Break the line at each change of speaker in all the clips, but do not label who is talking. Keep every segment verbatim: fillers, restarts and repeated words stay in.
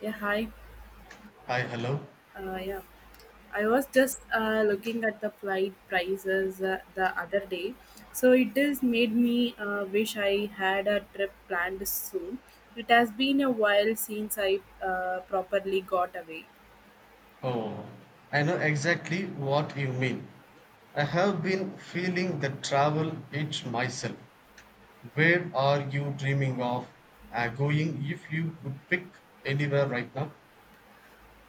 Yeah, hi.
Hi, hello.
Uh, yeah, I was just uh, looking at the flight prices uh, the other day. So it has made me uh, wish I had a trip planned soon. It has been a while since I uh, properly got away.
Oh, I know exactly what you mean. I have been feeling the travel itch myself. Where are you dreaming of uh, going if you could pick anywhere right now?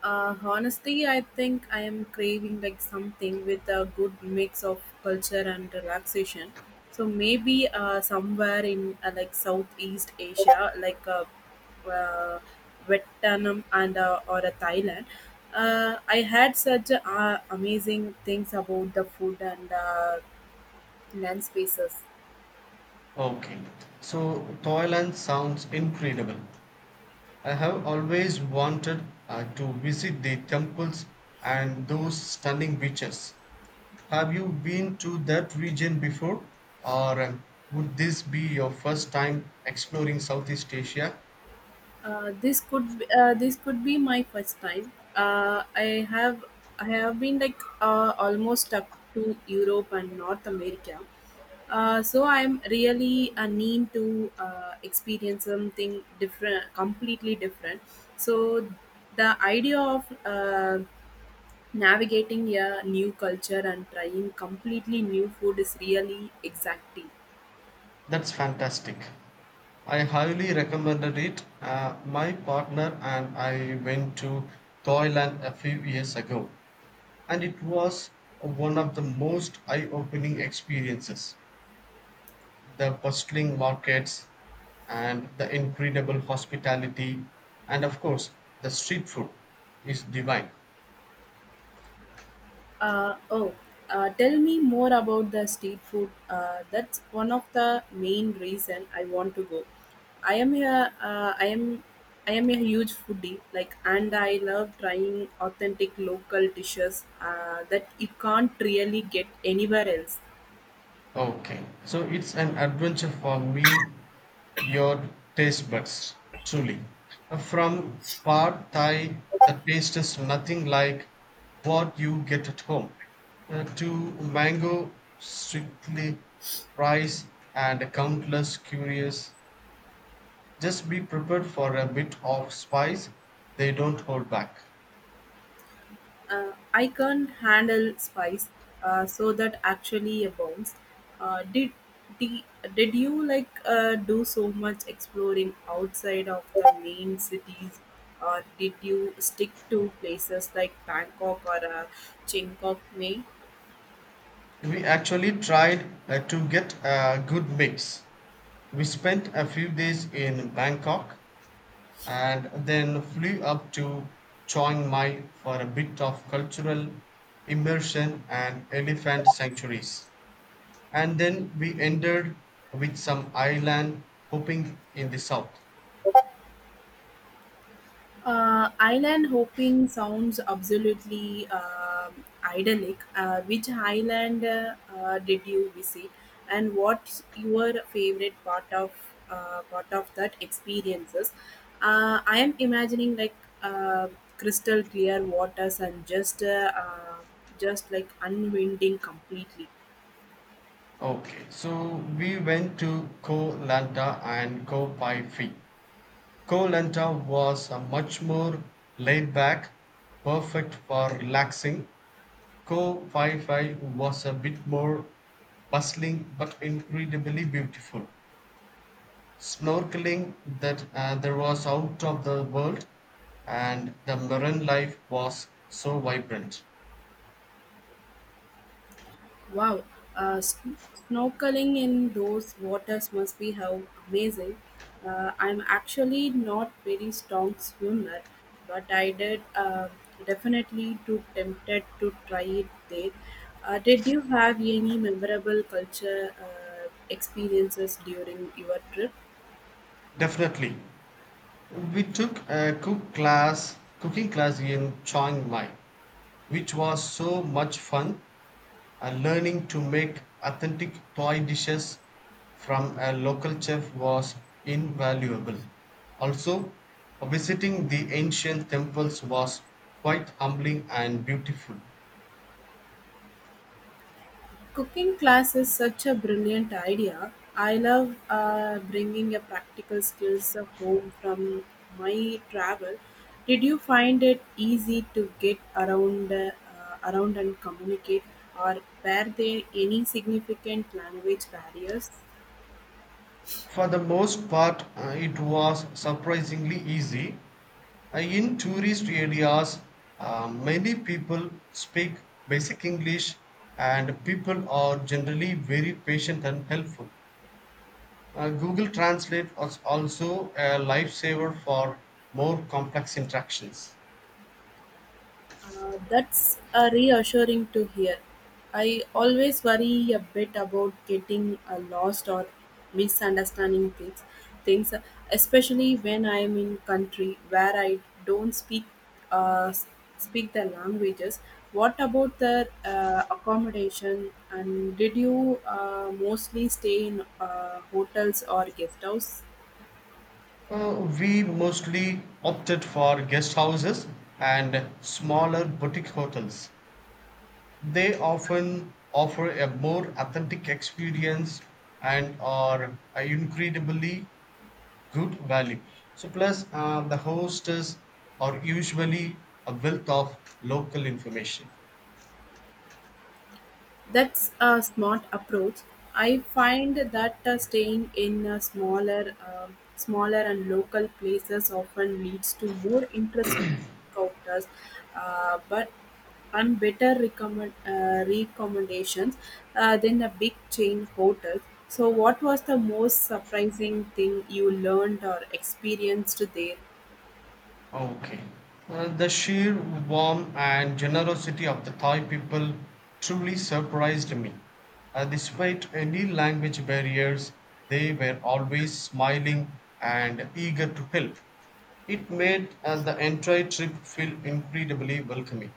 Uh, honestly, I think I am craving like something with a good mix of culture and relaxation. So maybe uh, somewhere in uh, like Southeast Asia, like uh, uh, Vietnam and uh, or a Thailand. Uh, I had such uh, amazing things about the food and uh, land spaces.
Okay, so Thailand sounds incredible. I have always wanted uh, to visit the temples and those stunning beaches. Have you been to that region before, or um, would this be your first time exploring Southeast Asia?
Uh, this could be, uh, this could be my first time. Uh, I have I have been like uh, almost up to Europe and North America. Uh, so I'm really a need to uh, experience something different, completely different. So the idea of uh, navigating a new culture and trying completely new food is really exacting.
That's fantastic. I highly recommended it. Uh, my partner and I went to Thailand a few years ago, and it was one of the most eye opening experiences. The bustling markets, and the incredible hospitality, and of course, the street food is divine.
Uh, oh, uh, tell me more about the street food. Uh, that's one of the main reason I want to go. I am a, uh, I am, I am a huge foodie. Like, and I love trying authentic local dishes uh, that you can't really get anywhere else.
Okay, so it's an adventure for me, your taste buds, truly. Uh, From pad thai, the taste is nothing like what you get at home, uh, to mango, strictly rice, and countless curious. Just be prepared for a bit of spice, they don't hold back.
uh, I can't handle spice, uh, so that actually abounds. Uh, did, did did you like uh, do so much exploring outside of the main cities, or did you stick to places like Bangkok or uh, Chiang Mai?
We actually tried uh, to get a good mix. We spent a few days in Bangkok and then flew up to Chiang Mai for a bit of cultural immersion and elephant sanctuaries. And then we ended with some island hopping in the south.
Uh, island hopping sounds absolutely um idyllic. Uh, which island uh, uh, did you visit, and what's your favorite part of uh, part of that experiences? Uh, I am imagining like uh, crystal clear waters and just uh, uh, just like unwinding completely.
Okay, so we went to Koh Lanta and Koh Phi Phi. Koh Lanta was a much more laid back, perfect for relaxing. Koh Phi Phi was a bit more bustling but incredibly beautiful. Snorkeling that uh, there was out of the world and the marine life was so vibrant.
Wow, uh, s- snorkeling in those waters must be how amazing. Uh, I'm actually not very strong swimmer, but I did uh, definitely too tempted to try it there. Uh, did you have any memorable culture uh, experiences during your trip?
Definitely, we took a cook class cooking class in Chiang Mai, which was so much fun, and learning to make authentic Thai dishes from a local chef was invaluable. Also, visiting the ancient temples was quite humbling and beautiful.
Cooking class is such a brilliant idea. I love uh, bringing a practical skills home from my travel. Did you find it easy to get around uh, around and communicate, or were there any significant language barriers?
For the most part, uh, it was surprisingly easy. Uh, in tourist areas, uh, many people speak basic English and people are generally very patient and helpful. Uh, Google Translate was also a lifesaver for more complex interactions.
Uh, that's a reassuring to hear. I always worry a bit about getting uh, lost or misunderstanding things, things, especially when I am in country where I don't speak uh, s- speak the languages. What about the uh, accommodation? And did you uh, mostly stay in uh, hotels or guest house?
Uh, we mostly opted for guest houses and smaller boutique hotels. They often offer a more authentic experience and are uh, incredibly good value. So, plus, uh, the hostess are usually a wealth of local information.
That's a smart approach. I find that uh, staying in uh, smaller, uh, smaller and local places often leads to more interesting encounters, uh, but and better recommend, uh, recommendations uh, than the big chain hotels. So, what was the most surprising thing you learned or experienced there?
Okay. Uh, the sheer warmth and generosity of the Thai people truly surprised me. Uh, despite any language barriers, they were always smiling and eager to help. It made uh, the entire trip feel incredibly welcoming.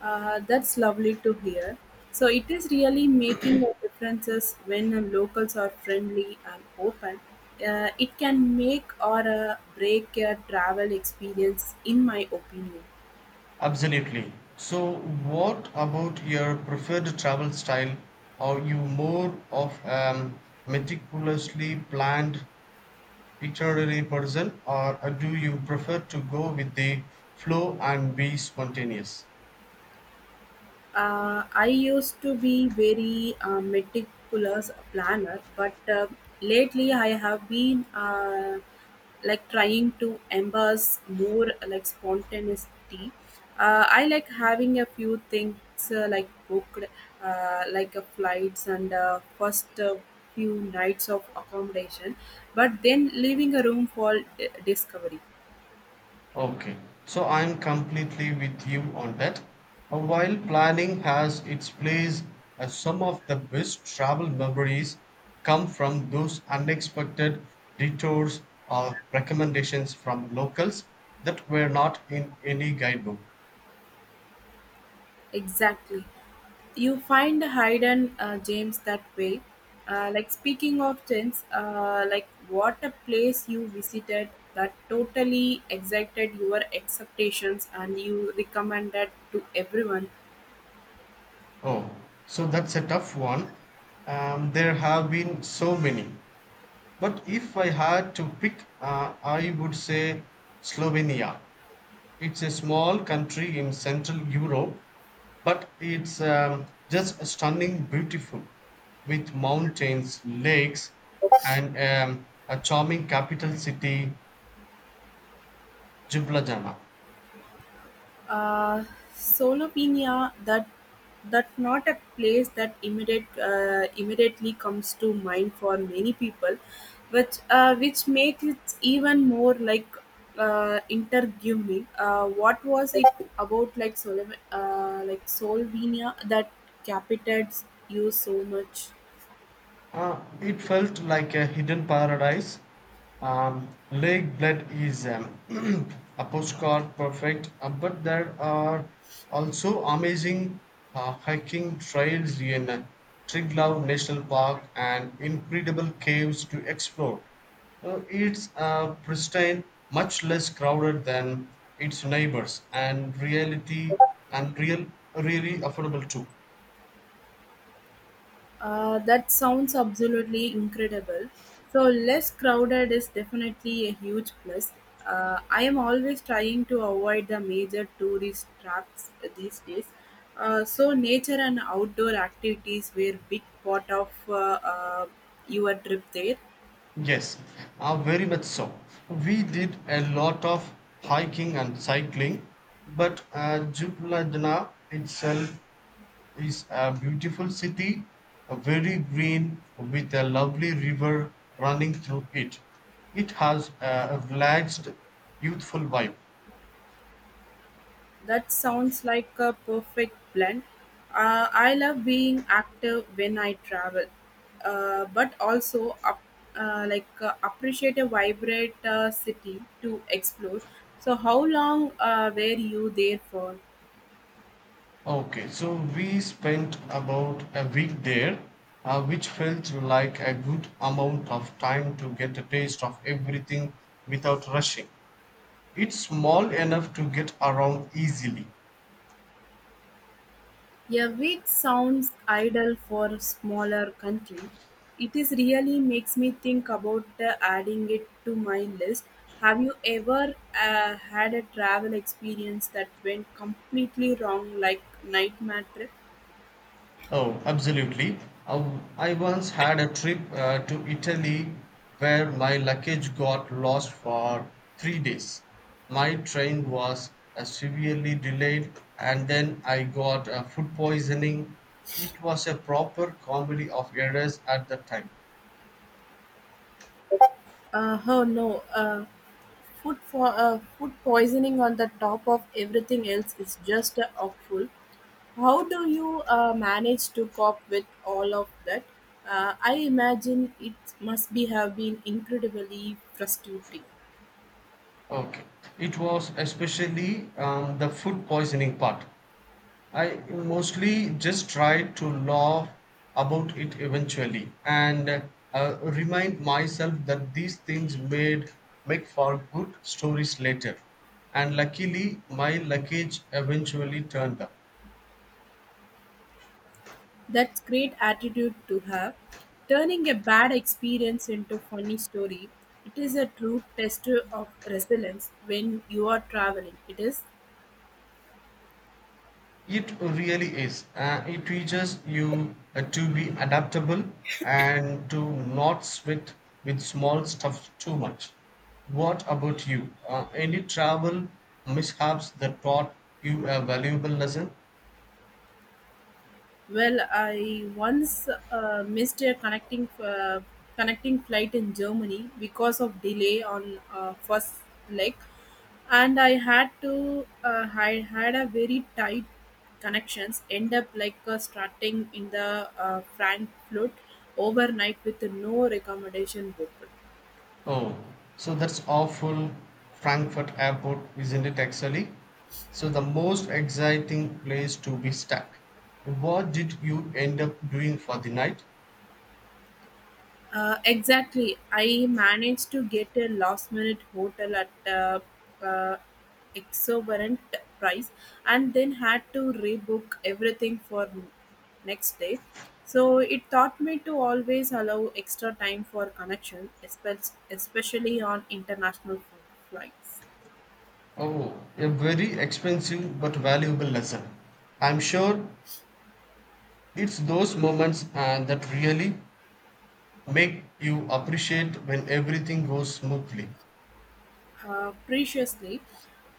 Uh, that's lovely to hear. So it is really making a differences when uh, locals are friendly and open. Uh, it can make or uh, break a travel experience, in my opinion.
Absolutely. So, what about your preferred travel style? Are you more of um, meticulously planned literary person, or uh, do you prefer to go with the flow and be spontaneous?
Uh, I used to be very uh, meticulous planner, but uh, lately I have been uh, like trying to embrace more like spontaneity. Uh, I like having a few things uh, like booked, uh, like uh, flights and uh, first uh, few nights of accommodation, but then leaving a room for d- discovery.
Okay, so I'm completely with you on that. Uh, while planning has its place, uh, some of the best travel memories come from those unexpected detours or recommendations from locals that were not in any guidebook.
Exactly. You find Haydn uh, James that way. Uh, like speaking of James, uh, like what a place you visited that totally excited your expectations and you recommended to everyone.
Oh, so that's a tough one. Um, there have been so many. But if I had to pick, uh, I would say Slovenia. It's a small country in Central Europe, but it's um, just stunning, beautiful, with mountains, lakes, and um, a charming capital city, Ljubljana.
Uh, Solopenia, that that not a place that immediate uh, immediately comes to mind for many people, which uh, which makes it even more like uh, interguming. Uh, what was it about like Solo uh, like Slovenia that capitals you so much?
Uh, it felt like a hidden paradise. Um, lake Bled is um, a postcard perfect, uh, but there are also amazing uh, hiking trails in uh, Triglav National Park and incredible caves to explore. Uh, it's uh, pristine, much less crowded than its neighbors, and reality and real, really affordable too.
Uh, that sounds absolutely incredible. So, less crowded is definitely a huge plus. Uh, I am always trying to avoid the major tourist traps these days. Uh, so, nature and outdoor activities were big part of uh, uh, your trip there.
Yes, uh, very much so. We did a lot of hiking and cycling, but uh, Jubladna itself is a beautiful city, a very green with a lovely river running through it. It has a relaxed, youthful vibe.
That sounds like a perfect blend. Uh, I love being active when I travel, uh, but also up, uh, like uh, appreciate a vibrant uh, city to explore. So, how long uh, were you there for?
Okay, so we spent about a week there, uh, which felt like a good amount of time to get a taste of everything without rushing. It's small enough to get around easily.
A week sounds ideal for a smaller country. It is really makes me think about uh, adding it to my list. Have you ever uh, had a travel experience that went completely wrong, like nightmare trip?
Oh, absolutely. I I once had a trip uh, to Italy where my luggage got lost for three days. My train was uh, severely delayed, and then I got uh, food poisoning. It was a proper comedy of errors at the time.
Uh, oh no. Uh, Food for uh, food poisoning on the top of everything else is just uh, awful. How do you uh, manage to cope with all of that? Uh, I imagine it must be have been incredibly frustrating.
Okay. It was especially um, the food poisoning part. I mostly just try to laugh about it eventually and uh, remind myself that these things made make for good stories later. And luckily, my luggage eventually turned up.
That's great attitude to have. Turning a bad experience into funny story. It is a true test of resilience when you are traveling. It is.
It really is. Uh, it teaches you uh, to be adaptable and to not sweat with small stuff too much. What about you? Uh, any travel mishaps that taught you a valuable lesson?
Well, I once uh, missed a connecting uh, connecting flight in Germany because of delay on uh, first leg, and I had to uh, I had a very tight connections. End up like uh, starting in the uh, Frankfurt overnight with no accommodation booked.
Oh, so that's awful. Frankfurt Airport, isn't it actually? So the most exciting place to be stuck. What did you end up doing for the night?
Uh, exactly. I managed to get a last minute hotel at a uh, uh, exorbitant price and then had to rebook everything for next day. So it taught me to always allow extra time for connection, espe- especially on international flights.
Oh, a very expensive but valuable lesson. I'm sure it's those moments uh, that really make you appreciate when everything goes smoothly.
Uh, preciously.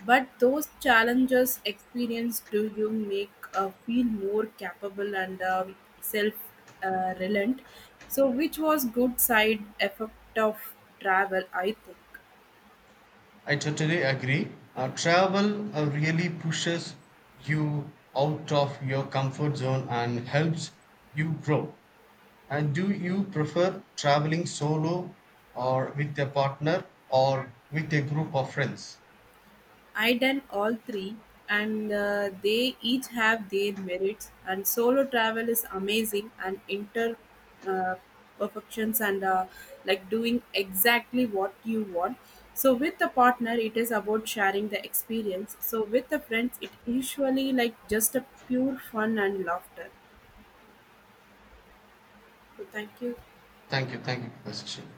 But those challenges experience do you make uh, feel more capable and uh, self uh, reliant. So, which was good side effect of travel, I think.
I totally agree. Uh, travel uh, really pushes you out of your comfort zone and helps you grow. And do you prefer traveling solo or with a partner or with a group of friends?
I done all three, and uh, they each have their merits. And solo travel is amazing, and inter uh, perfections, and uh, like doing exactly what you want. So with a partner, it is about sharing the experience. So with the friends, it usually like just a pure fun and laughter. So thank you.
Thank you. Thank you for the session.